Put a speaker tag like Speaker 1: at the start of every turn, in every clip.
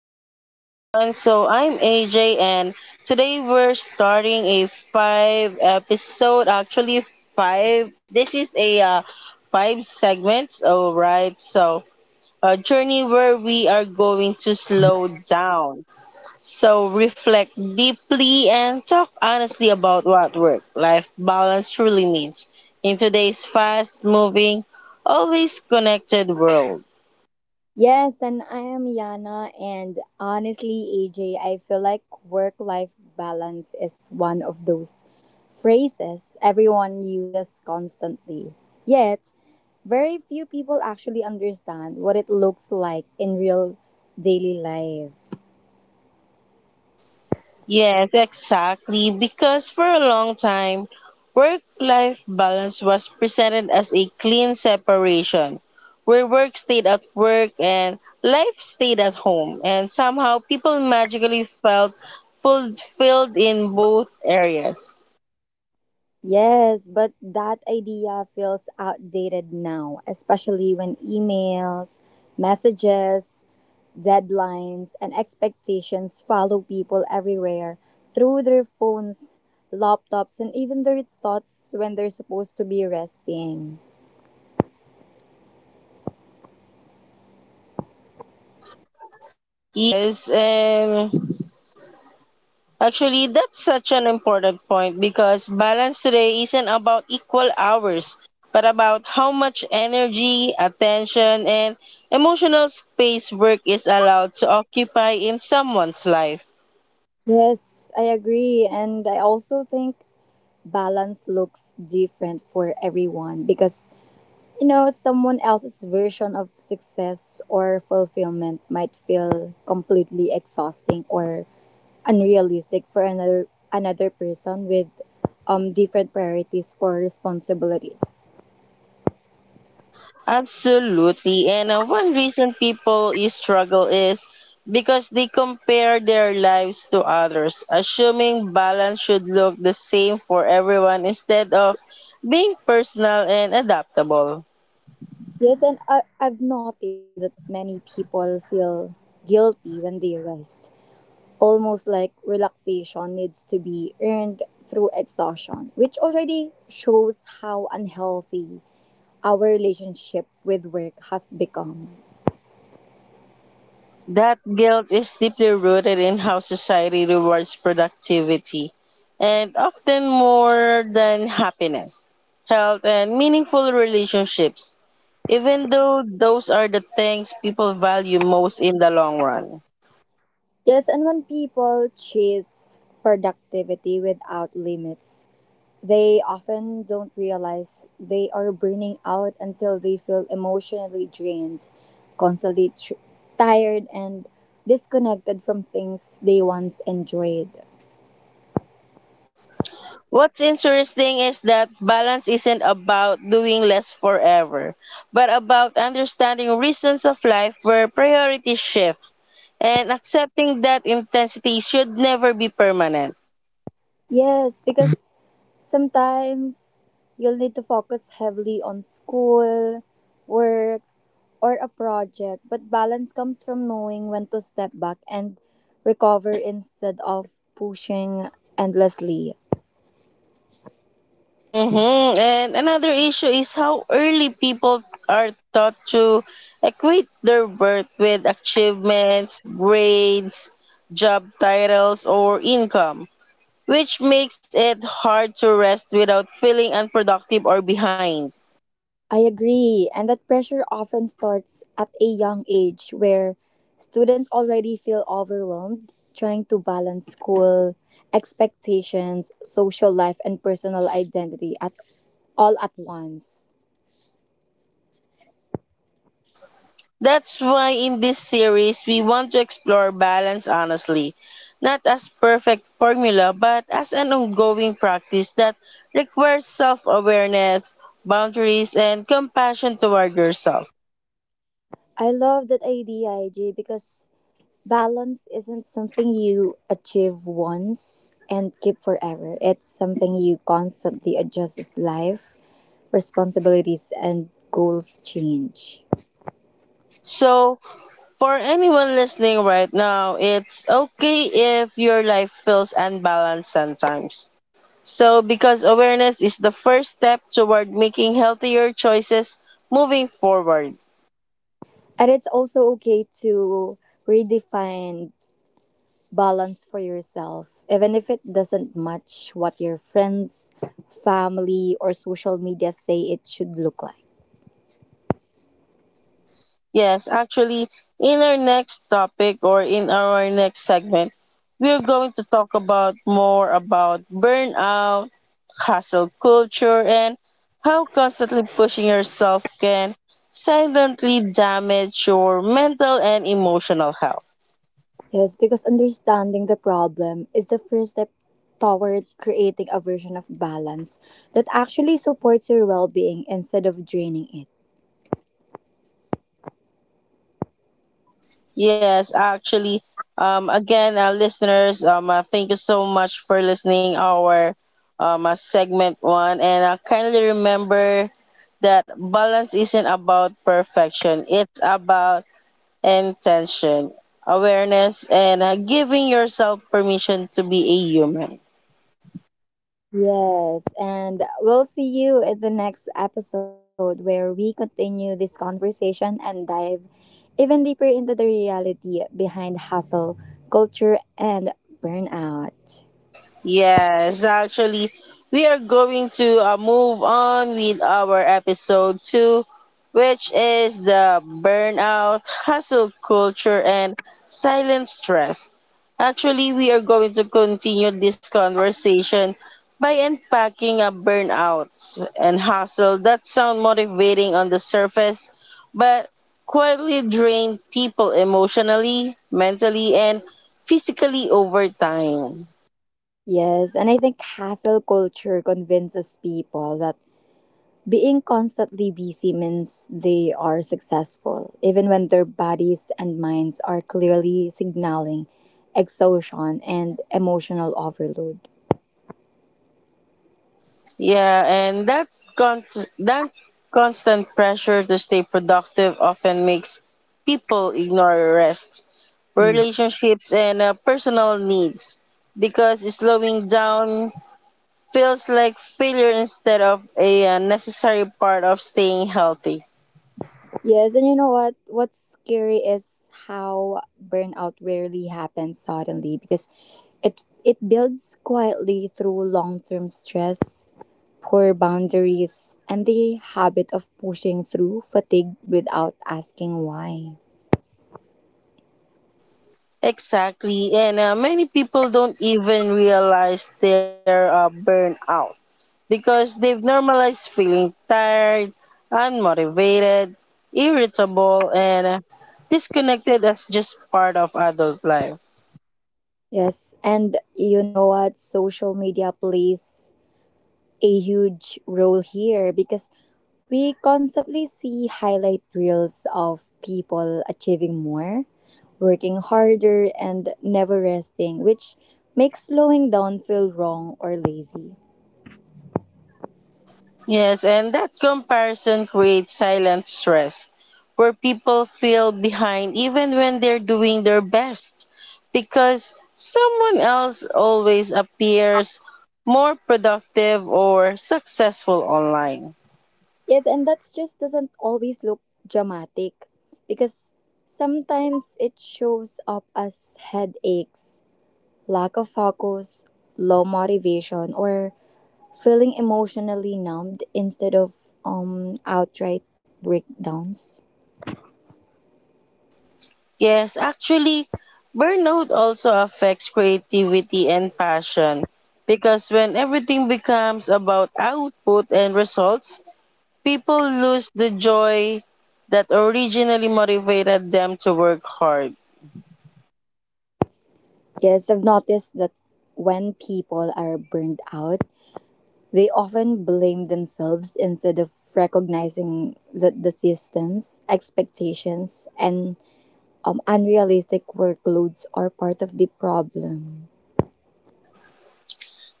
Speaker 1: podcast, everyone. So, I'm AJ, and today we're starting a five episode, five. This is a five segments, all right? So, a journey where we are going to slow down. So, reflect deeply and talk honestly about what work life balance truly means in today's fast moving, always connected world.
Speaker 2: Yes, and I am Yana. And honestly, AJ, I feel like work life balance is one of those phrases everyone uses constantly. Yet, very few people actually understand what it looks like in real daily life.
Speaker 1: Yes, exactly. Because for a long time, work life balance was presented as a clean separation, where work stayed at work and life stayed at home. And somehow people magically felt fulfilled in both areas.
Speaker 2: Yes, but that idea feels outdated now, especially when emails, messages, deadlines, and expectations follow people everywhere through their phones, laptops, and even their thoughts when they're supposed to be resting.
Speaker 1: Yes, and Actually, that's such an important point because balance today isn't about equal hours, but about how much energy, attention, and emotional space work is allowed to occupy in someone's life.
Speaker 2: Yes, I agree. And I also think balance looks different for everyone because someone else's version of success or fulfillment might feel completely exhausting or unrealistic for another person with different priorities or responsibilities.
Speaker 1: Absolutely. And one reason people is struggle is because they compare their lives to others, assuming balance should look the same for everyone instead of being personal and adaptable.
Speaker 2: Yes, and I've noticed that many people feel guilty when they rest, almost like relaxation needs to be earned through exhaustion, which already shows how unhealthy our relationship with work has become.
Speaker 1: That guilt is deeply rooted in how society rewards productivity, and often more than happiness, health, and meaningful relationships, even though those are the things people value most in the long run.
Speaker 2: Yes, and when people chase productivity without limits, they often don't realize they are burning out until they feel emotionally drained, constantly tired, and disconnected from things they once enjoyed.
Speaker 1: What's interesting is that balance isn't about doing less forever, but about understanding reasons of life where priorities shift and accepting that intensity should never be permanent.
Speaker 2: Yes, because sometimes you'll need to focus heavily on school, work, or a project, but balance comes from knowing when to step back and recover instead of pushing endlessly.
Speaker 1: Mm-hmm. And another issue is how early people are taught to equate their worth with achievements, grades, job titles, or income, which makes it hard to rest without feeling unproductive or behind.
Speaker 2: I agree, and that pressure often starts at a young age where students already feel overwhelmed trying to balance school expectations, social life, and personal identity at all at once.
Speaker 1: That's why in this series, we want to explore balance honestly, not as perfect formula, but as an ongoing practice that requires self-awareness, boundaries, and compassion toward yourself.
Speaker 2: I love that idea, IJ, because balance isn't something you achieve once and keep forever. It's something you constantly adjust as life, responsibilities, and goals change.
Speaker 1: So, for anyone listening right now, it's okay if your life feels unbalanced sometimes. So, because awareness is the first step toward making healthier choices moving forward.
Speaker 2: And it's also okay to redefine balance for yourself, even if it doesn't match what your friends, family, or social media say it should look like.
Speaker 1: Yes, actually, in our next topic or in our next segment, we're going to talk about more about burnout, hustle culture, and how constantly pushing yourself can silently damage your mental and emotional health.
Speaker 2: Yes, because understanding the problem is the first step toward creating a version of balance that actually supports your well being instead of draining it.
Speaker 1: Yes, actually. Listeners, thank you so much for listening our segment one. And kindly remember that balance isn't about perfection; it's about intention, awareness, and giving yourself permission to be a human.
Speaker 2: Yes, and we'll see you in the next episode where we continue this conversation and dive even deeper into the reality behind hustle, culture, and burnout.
Speaker 1: Yes, actually, we are going to move on with our episode two, which is the burnout, hustle culture, and silent stress. Actually, we are going to continue this conversation by unpacking a burnouts and hustle that sound motivating on the surface, but quietly drain people emotionally, mentally, and physically over time.
Speaker 2: Yes, and I think hustle culture convinces people that being constantly busy means they are successful, even when their bodies and minds are clearly signaling exhaustion and emotional overload.
Speaker 1: Yeah, and that con- that constant pressure to stay productive often makes people ignore rest,
Speaker 2: Mm.
Speaker 1: relationships, and personal needs because slowing down feels like failure instead of a necessary part of staying healthy.
Speaker 2: Yes, and you know what? What's scary is how burnout rarely happens suddenly because it builds quietly through long-term stress, poor boundaries, and the habit of pushing through fatigue without asking why.
Speaker 1: Exactly. And many people don't even realize they're burned out because they've normalized feeling tired, unmotivated, irritable, and disconnected as just part of adult life.
Speaker 2: Yes, and you know what? Social media plays a huge role here because we constantly see highlight reels of people achieving more, working harder, and never resting, which makes slowing down feel wrong or lazy.
Speaker 1: Yes, and that comparison creates silent stress where people feel behind even when they're doing their best because someone else always appears more productive or successful online.
Speaker 2: Yes, and that just doesn't always look dramatic because sometimes it shows up as headaches, lack of focus, low motivation, or feeling emotionally numbed instead of outright breakdowns.
Speaker 1: Yes, actually, Burnout also affects creativity and passion because when everything becomes about output and results, people lose the joy that originally motivated them to work hard.
Speaker 2: Yes, I've noticed that when people are burned out, they often blame themselves instead of recognizing that the systems, expectations, and unrealistic workloads are part of the problem.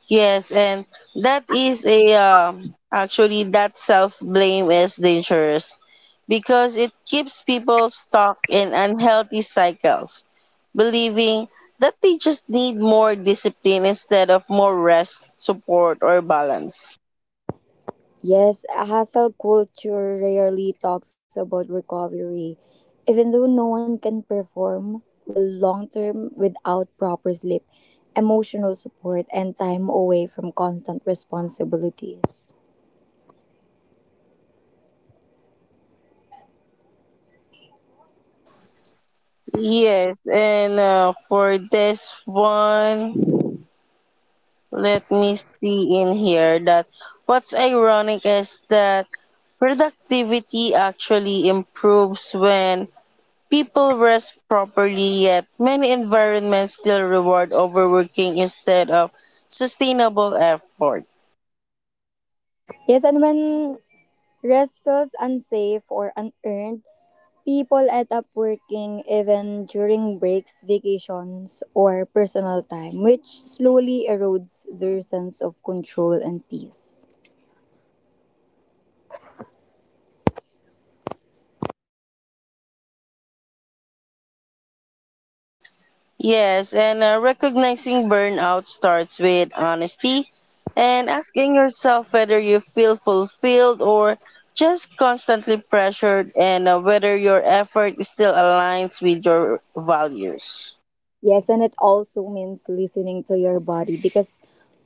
Speaker 1: Yes, and that is a actually that self blame is dangerous because it keeps people stuck in unhealthy cycles, believing that they just need more discipline instead of more rest, support, or balance.
Speaker 2: Yes, hustle culture rarely talks about recovery. Even though no one can perform well long term without proper sleep, emotional support, and time away from constant responsibilities.
Speaker 1: Yes, and for this one, Let me see in here that What's ironic is that productivity actually improves when people rest properly, yet many environments still reward overworking instead of sustainable effort.
Speaker 2: Yes, and when rest feels unsafe or unearned, people end up working even during breaks, vacations, or personal time, which slowly erodes their sense of control and peace.
Speaker 1: Yes, and Recognizing burnout starts with honesty and asking yourself whether you feel fulfilled or just constantly pressured and whether your effort still aligns with your values.
Speaker 2: Yes, and it also means listening to your body because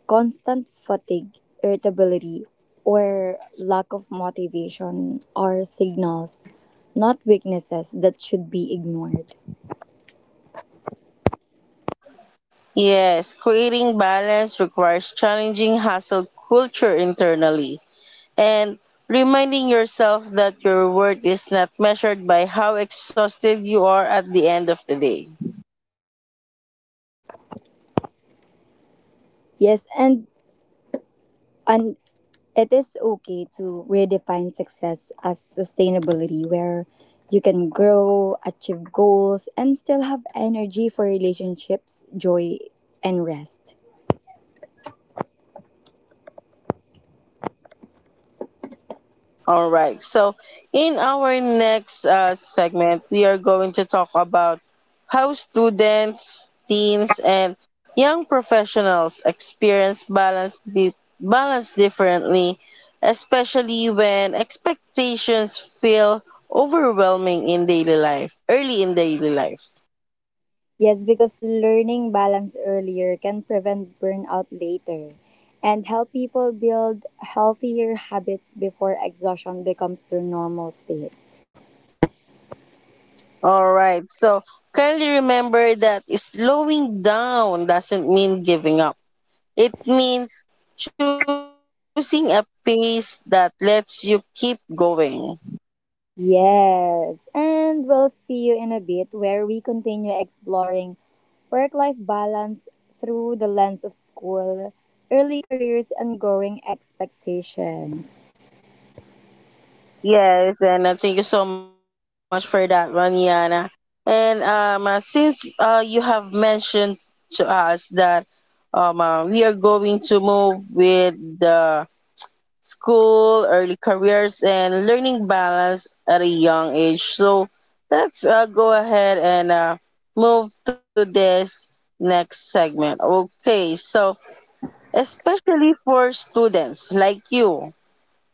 Speaker 2: constant fatigue, irritability, or lack of motivation are signals, not weaknesses that should be ignored.
Speaker 1: Yes, creating balance requires challenging hustle culture internally and reminding yourself that your worth is not measured by how exhausted you are at the end of the day.
Speaker 2: Yes, and it is okay to redefine success as sustainability where you can grow, achieve goals, and still have energy for relationships, joy, and rest.
Speaker 1: All right. So, in our next segment, we are going to talk about how students, teens, and young professionals experience balance differently, especially when expectations feel overwhelming in daily life, early in daily life.
Speaker 2: Yes, because learning balance earlier can prevent burnout later and help people build healthier habits before exhaustion becomes their normal state.
Speaker 1: All right. So, kindly remember that slowing down doesn't mean giving up. It means choosing a pace that lets you keep going.
Speaker 2: Yes, and we'll see you in a bit where we continue exploring work life balance through the lens of school, early careers, and growing expectations.
Speaker 1: Yes, and Thank you so much for that one, Yana. And since you have mentioned to us that we are going to move with the school, early careers, and learning balance at a young age, so let's go ahead and move to this next segment. Okay, so especially for students like you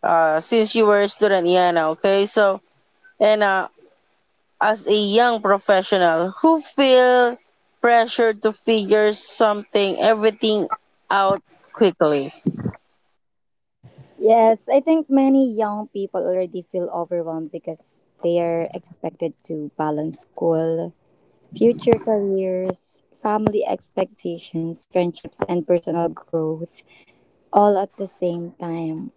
Speaker 1: since you were a student, Yana, okay, so and as a young professional who feel pressure to figure something everything out quickly.
Speaker 2: Yes, I think many young people already feel overwhelmed because they are expected to balance school, future careers, family expectations, friendships, and personal growth all at the same time.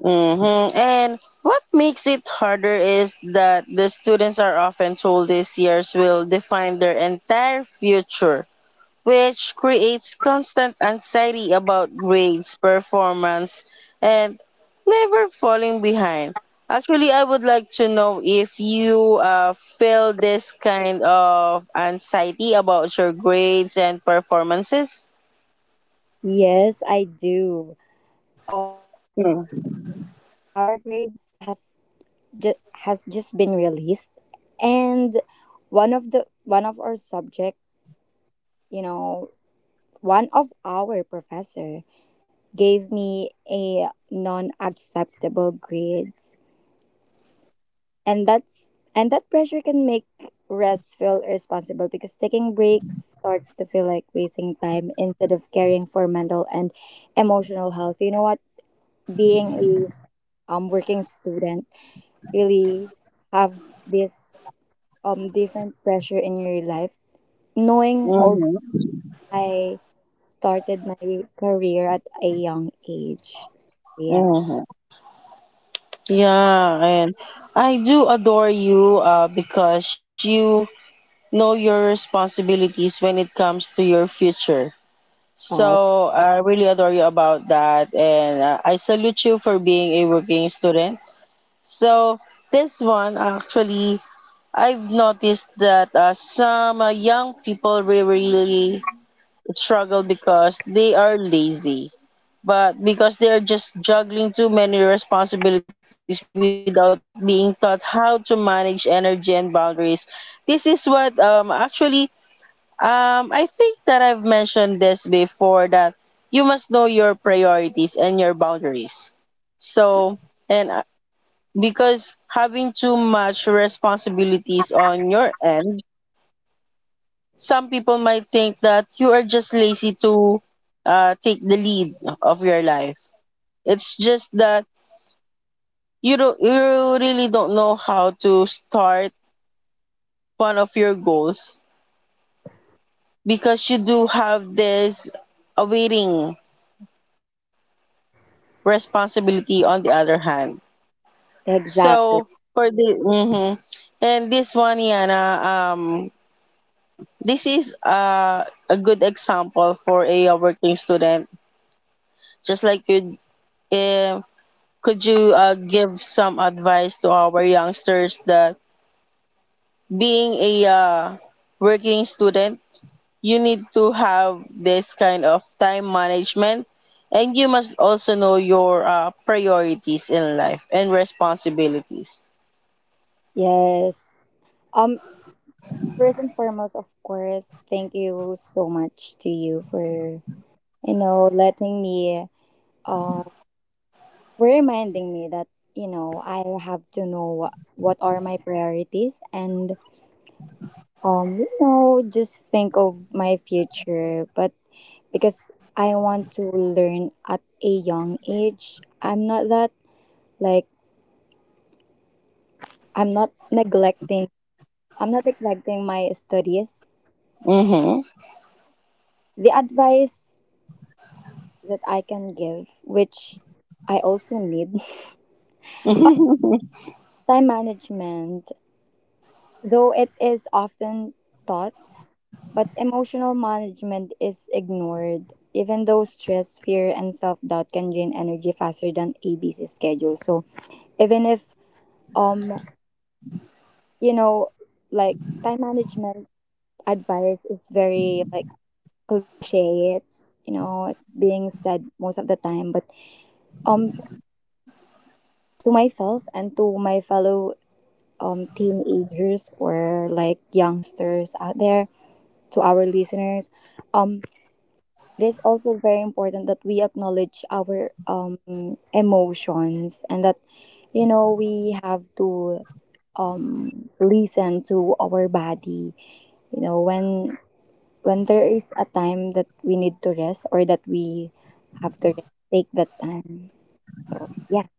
Speaker 1: Hmm, and what makes it harder is that the students are often told these years will define their entire future, which creates constant anxiety about grades, performance, and never falling behind. Actually, I would like to know if you feel this kind of anxiety about your grades and performances.
Speaker 2: Yes, I do. Um,
Speaker 1: Mm-hmm.
Speaker 2: our grades has has just been released, and one of our subject, you know, one of our professor gave me a non-acceptable grade and that's and that pressure can make rest feel irresponsible because taking breaks starts to feel like wasting time instead of caring for mental and emotional health. You know what, being a working student really have this different pressure in your life, knowing also I started my career at a young age. Yeah.
Speaker 1: Mm-hmm. Yeah, and I do adore you because you know your responsibilities when it comes to your future.
Speaker 2: uh,
Speaker 1: So I really adore you about that, and I salute you for being a working student. So, this one actually, I've noticed that some young people really struggle because they are lazy, but because they are just juggling too many responsibilities without being taught how to manage energy and boundaries. This is what actually I think that I've mentioned this before that you must know your priorities and your boundaries. So, and because having too much responsibilities on your end, some people might think that you are just lazy to take the lead of your life. It's just that you really don't know how to start one of your goals because you do have this awaiting responsibility on the other hand. So
Speaker 2: exactly.
Speaker 1: for the mhm. And this one, Yana, this is a good example for a working student. Just like you, uh, could you give some advice to our youngsters that being a working student, you need to have this kind of time management. And you must also know your priorities in life and responsibilities.
Speaker 2: Yes. Um, First and foremost, of course, thank you so much to you for, you know, letting me, uh, for reminding me that, you know, I have to know what are my priorities. And you know, just think of my future, but because I want to learn at a young age, I'm not that like I'm not neglecting. I'm not neglecting my studies.
Speaker 1: Mm-hmm.
Speaker 2: The advice that I can give, which I also need, are time management. Though it is often taught, but emotional management is ignored. Even though stress, fear, and self doubt can drain energy faster than a ABC schedule. So even if um you know, like time management advice is very like cliche, it's, you know, it's being said most of the time. But um to myself and to my fellow teenagers or like youngsters out there, to our listeners, um it is also very important that we acknowledge our emotions, and that, you know, we have to listen to our body, you know, when there is a time that we need to rest or that we have to rest, take that time. So yeah.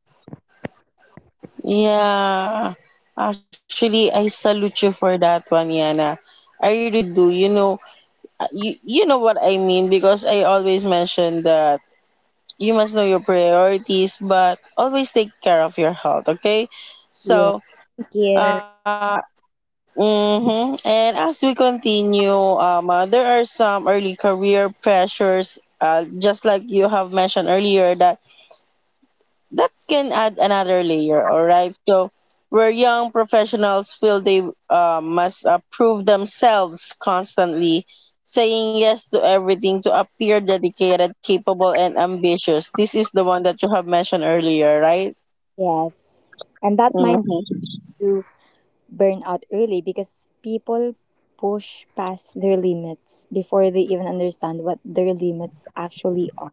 Speaker 1: Yeah. Actually, I salute you for that one, Yana. I really do. You know, you know what I mean because I always mention that you must know your priorities, but always take care of your health, okay?
Speaker 2: Yeah,
Speaker 1: So,
Speaker 2: thank you.
Speaker 1: uh, uh, mm-hmm. And as we continue, there are some early career pressures, just like you have mentioned earlier, that that can add another layer, all right? So, where young professionals feel they must prove themselves constantly, saying yes to everything to appear dedicated, capable, and ambitious. This is the one that you have mentioned earlier, right?
Speaker 2: Yes, and that might
Speaker 1: Mm-hmm.
Speaker 2: do burn out early because people push past their limits before they even understand what their limits actually are.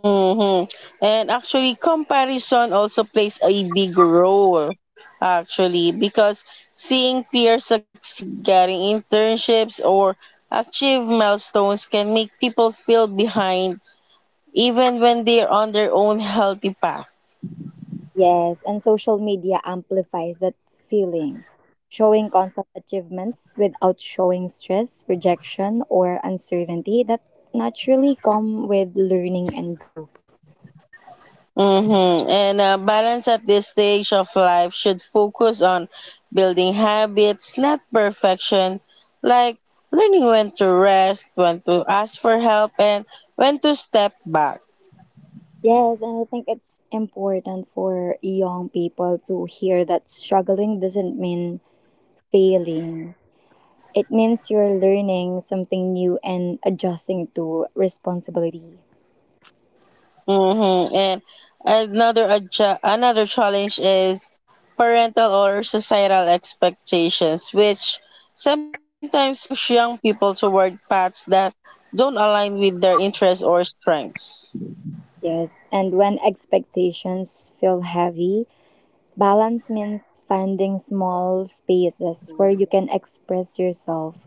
Speaker 1: Mhm. And actually, comparison also plays a big role, actually, because seeing peers succeed, getting internships, or achieve milestones can make people feel behind even when they're on their own healthy path.
Speaker 2: Yes, and social media amplifies that feeling, showing constant achievements without showing stress, rejection, or uncertainty that naturally come with learning and growth.
Speaker 1: Mm-hmm. And balance at this stage of life should focus on building habits, not perfection, like learning when to rest, when to ask for help, and when to step back.
Speaker 2: Yes, and I think it's important for young people to hear that struggling doesn't mean failing. It means you're learning something new and adjusting to responsibility.
Speaker 1: Mm-hmm. And another challenge is parental or societal expectations, which sometimes push young people toward paths that don't align with their interests or strengths.
Speaker 2: Yes, and when expectations feel heavy, balance means finding small spaces where you can express yourself,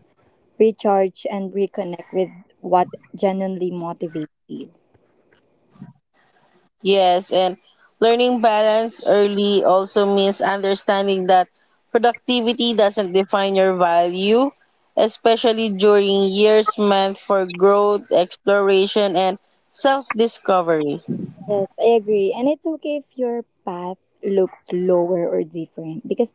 Speaker 2: recharge, and reconnect with what genuinely motivates you.
Speaker 1: Yes, and learning balance early also means understanding that productivity doesn't define your value, especially during years meant for growth, exploration, and self discovery.
Speaker 2: Yes, I agree. And it's okay if your path looks lower or different because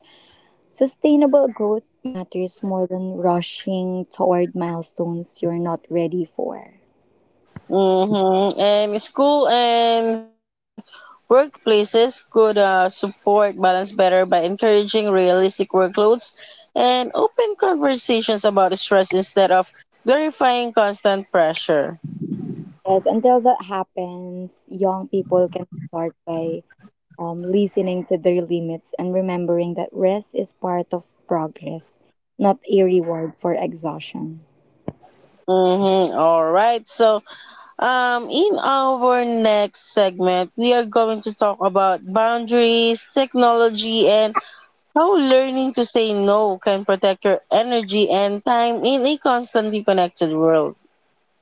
Speaker 2: sustainable growth matters more than rushing toward milestones you're not ready for.
Speaker 1: Mm-hmm. And school and workplaces could support balance better by encouraging realistic workloads and open conversations about stress instead of glorifying constant pressure.
Speaker 2: Yes, until that happens, young people can start by listening to their limits, and remembering that rest is part of progress, not a reward for exhaustion.
Speaker 1: Mm-hmm. All right. So, in our next segment, we are going to talk about boundaries, technology, and how learning to say no can protect your energy and time in a constantly connected world.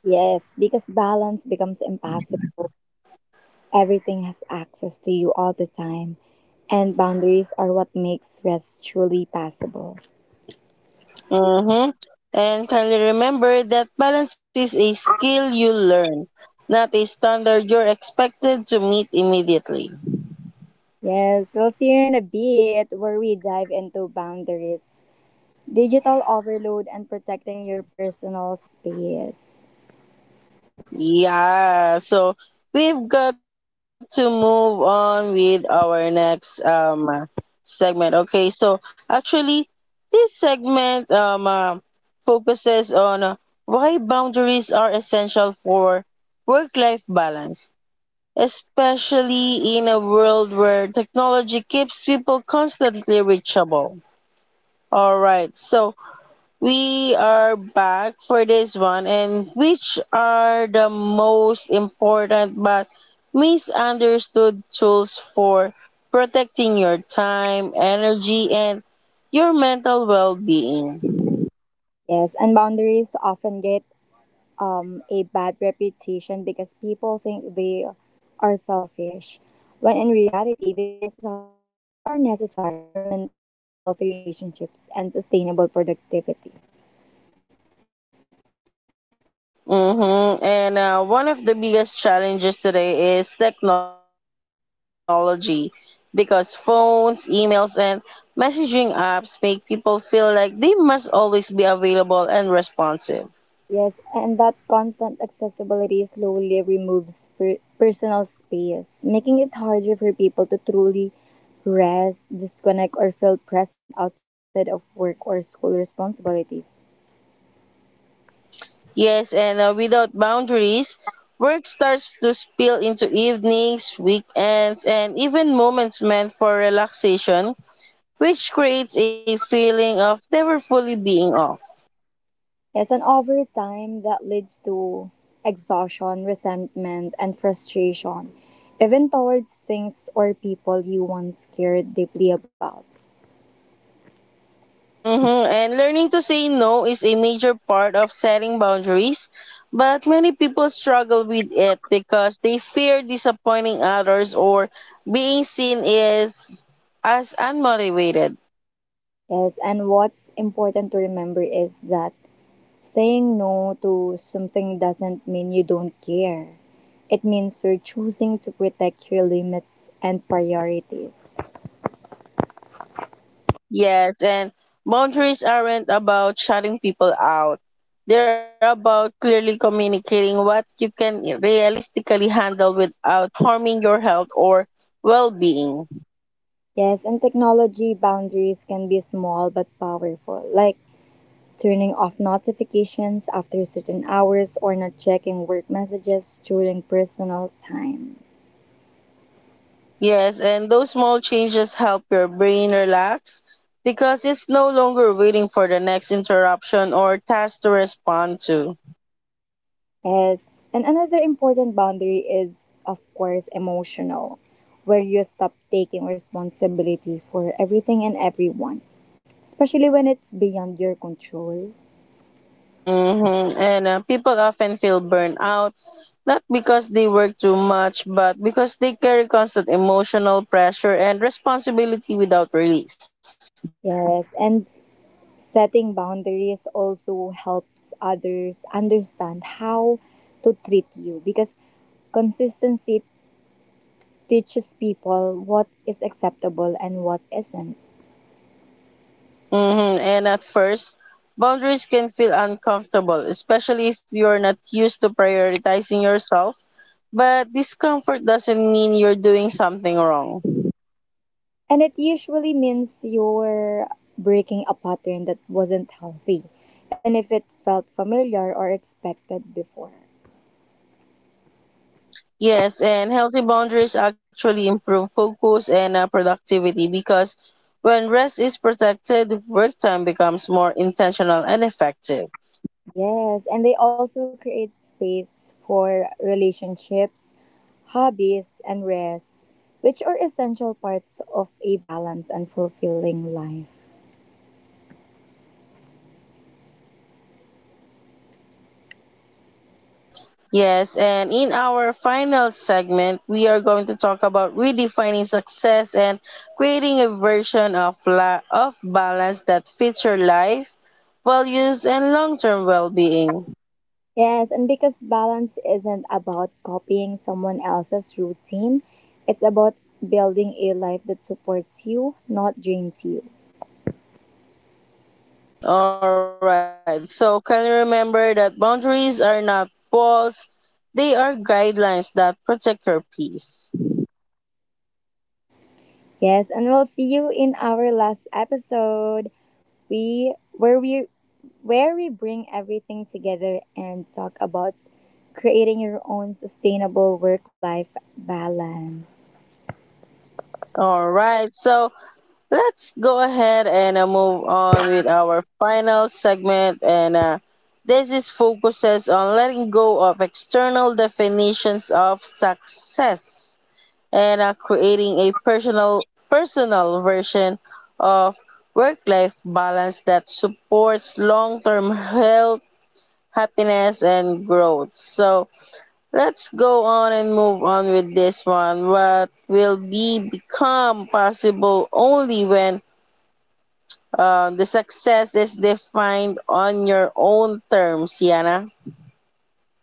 Speaker 2: Yes, because balance becomes impossible. Everything has access to you all the time, and boundaries are what makes rest truly possible.
Speaker 1: Mm-hmm. And kindly remember that balance is a skill you learn, not a standard you're expected to meet immediately.
Speaker 2: Yes, we'll see you in a bit where we dive into boundaries, digital overload, and protecting your personal space.
Speaker 1: Yeah, so we've got to move on with our next segment. Okay, so actually, this segment focuses on why boundaries are essential for work-life balance, especially in a world where technology keeps people constantly reachable. All right. So, we are back for this one, and which are the most important but misunderstood tools for protecting your time, energy, and your mental well being?
Speaker 2: Yes, and boundaries often get a bad reputation because people think they are selfish when in reality they are necessary for maintaining healthy relationships and sustainable productivity.
Speaker 1: Mm-hmm. And one of the biggest challenges today is technology because phones, emails, and messaging apps make people feel like they must always be available and responsive.
Speaker 2: Yes, and that constant accessibility slowly removes personal space, making it harder for people to truly rest, disconnect, or feel present outside of work or school responsibilities.
Speaker 1: Yes, and without boundaries, work starts to spill into evenings, weekends, and even moments meant for relaxation, which creates a feeling of never fully being off.
Speaker 2: Yes, and over time that leads to exhaustion, resentment, and frustration, even towards things or people you once cared deeply about.
Speaker 1: Hmm. And learning to say no is a major part of setting boundaries, but many people struggle with it because they fear disappointing others or being seen as unmotivated.
Speaker 2: Yes, and what's important to remember is that saying no to something doesn't mean you don't care. It means you're choosing to protect your limits and priorities.
Speaker 1: Yes, and boundaries aren't about shutting people out. They're about clearly communicating what you can realistically handle without harming your health or well being.
Speaker 2: Yes, and technology boundaries can be small but powerful, like turning off notifications after certain hours or not checking work messages during personal time.
Speaker 1: Yes, and those small changes help your brain relax because it's no longer waiting for the next interruption or task to respond to.
Speaker 2: Yes, and another important boundary is, of course, emotional, where you stop taking responsibility for everything and everyone, especially when it's beyond your control.
Speaker 1: Hmm. And people often feel burned out, not because they work too much, but because they carry constant emotional pressure and responsibility without release.
Speaker 2: Yes, and setting boundaries also helps others understand how to treat you because consistency teaches people what is acceptable and what isn't.
Speaker 1: Hmm. And at first, boundaries can feel uncomfortable, especially if you're not used to prioritizing yourself. But discomfort doesn't mean you're doing something wrong.
Speaker 2: And it usually means you're breaking a pattern that wasn't healthy, even if it felt familiar or expected before.
Speaker 1: Yes, and healthy boundaries actually improve focus and productivity because when rest is protected, work time becomes more intentional and effective.
Speaker 2: Yes, and they also create space for relationships, hobbies, and rest, which are essential parts of a balanced and fulfilling life.
Speaker 1: Yes, and in our final segment, we are going to talk about redefining success and creating a version of balance that fits your life, values, and long-term well-being.
Speaker 2: Yes, and because balance isn't about copying someone else's routine, it's about building a life that supports you, not drains you.
Speaker 1: All right. So can you remember that boundaries are not walls, they are guidelines that protect your peace.
Speaker 2: Yes, and we'll see you in our last episode, We where we where we bring everything together and talk about creating your own sustainable work life balance.
Speaker 1: All right. So, let's go ahead and move on with our final segment and this is focuses on letting go of external definitions of success and creating a personal version of work life balance that supports long-term health, happiness, and growth. So, let's go on and move on with this one. What will be become possible only when the success is defined on your own terms, Yana.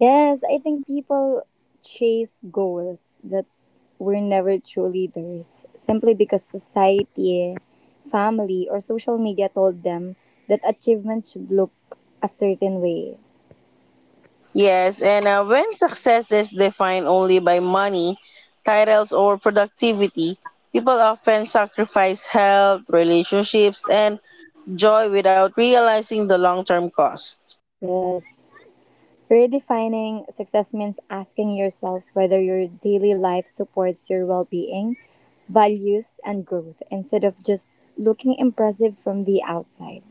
Speaker 2: Yes, I think people chase goals that were never truly theirs simply because society, family, or social media told them that achievement should look a certain way.
Speaker 1: Yes, and when success is defined only by money, titles, or productivity, people often sacrifice health, relationships, and joy without realizing the long term cost.
Speaker 2: Yes. Redefining success means asking yourself whether your daily life supports your well being, values, and growth instead of just looking impressive from the outside.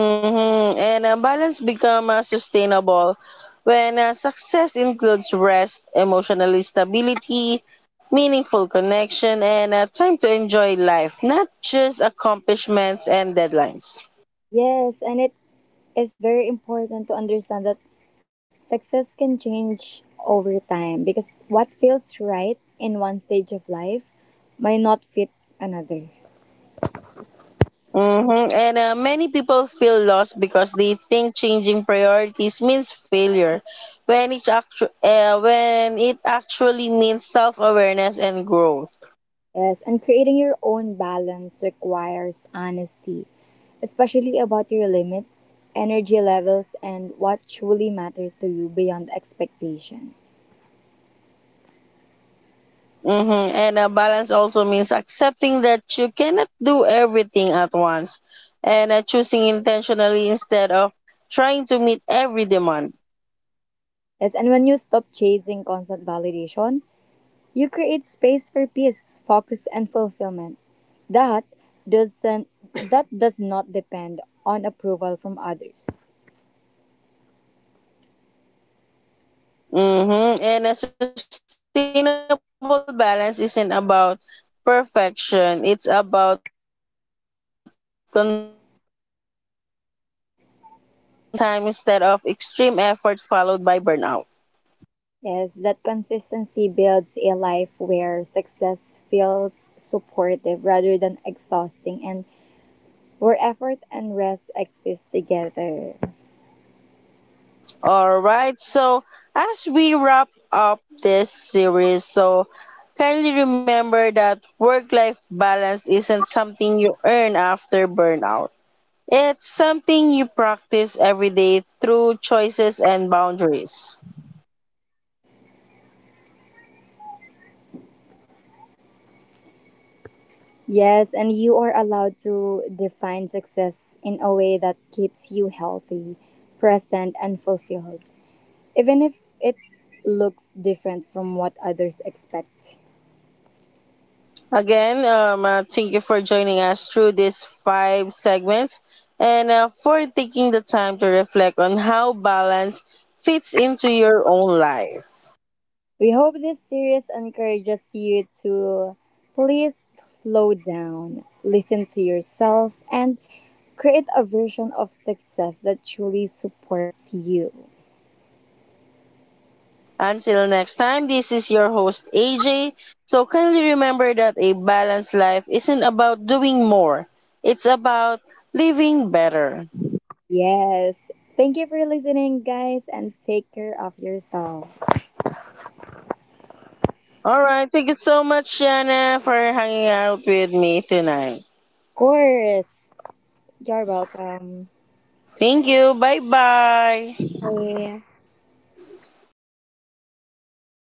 Speaker 1: Mhm, and a balance become sustainable when success includes rest, emotional stability, meaningful connection, and time to enjoy life, not just accomplishments and deadlines.
Speaker 2: Yes, and it's very important to understand that success can change over time because what feels right in one stage of life might not fit another.
Speaker 1: Mm-hmm. And many people feel lost because they think changing priorities means failure, when when it actually means self awareness and growth.
Speaker 2: Yes, and creating your own balance requires honesty, especially about your limits, energy levels, and what truly matters to you beyond expectations.
Speaker 1: Mm-hmm. And a balance also means accepting that you cannot do everything at once and choosing intentionally instead of trying to meet every demand.
Speaker 2: Yes, and when you stop chasing constant validation, you create space for peace, focus, and fulfillment. That doesn't that does not depend on approval from others.
Speaker 1: Mm-hmm. And a sustainable balance isn't about perfection, it's about consistency, where small healthy choices are repeated over time instead of extreme effort followed by burnout.
Speaker 2: Yes, that consistency builds a life where success feels supportive rather than exhausting and where effort and rest exist together.
Speaker 1: All right. So, as we wrap up this series, so kindly remember that work-life balance isn't something you earn after burnout. It's something you practice every day through choices and boundaries.
Speaker 2: Yes, and you are allowed to define success in a way that keeps you healthy, present, and fulfilled, even if it looks different from what others expect.
Speaker 1: Again, thank you for joining us through these five segments and for taking the time to reflect on how balance fits into your own life.
Speaker 2: We hope this series encourages you to please slow down, listen to yourself, and create a version of success that truly supports you.
Speaker 1: Until next time, this is your host AJ. So kindly remember that a balanced life isn't about doing more, it's about living better.
Speaker 2: Yes. Thank you for listening, guys, and take care of yourselves.
Speaker 1: All right, thank you so much, Shanna, for hanging out with me tonight.
Speaker 2: Of course. You're welcome.
Speaker 1: Thank you. Bye bye.
Speaker 2: Bye.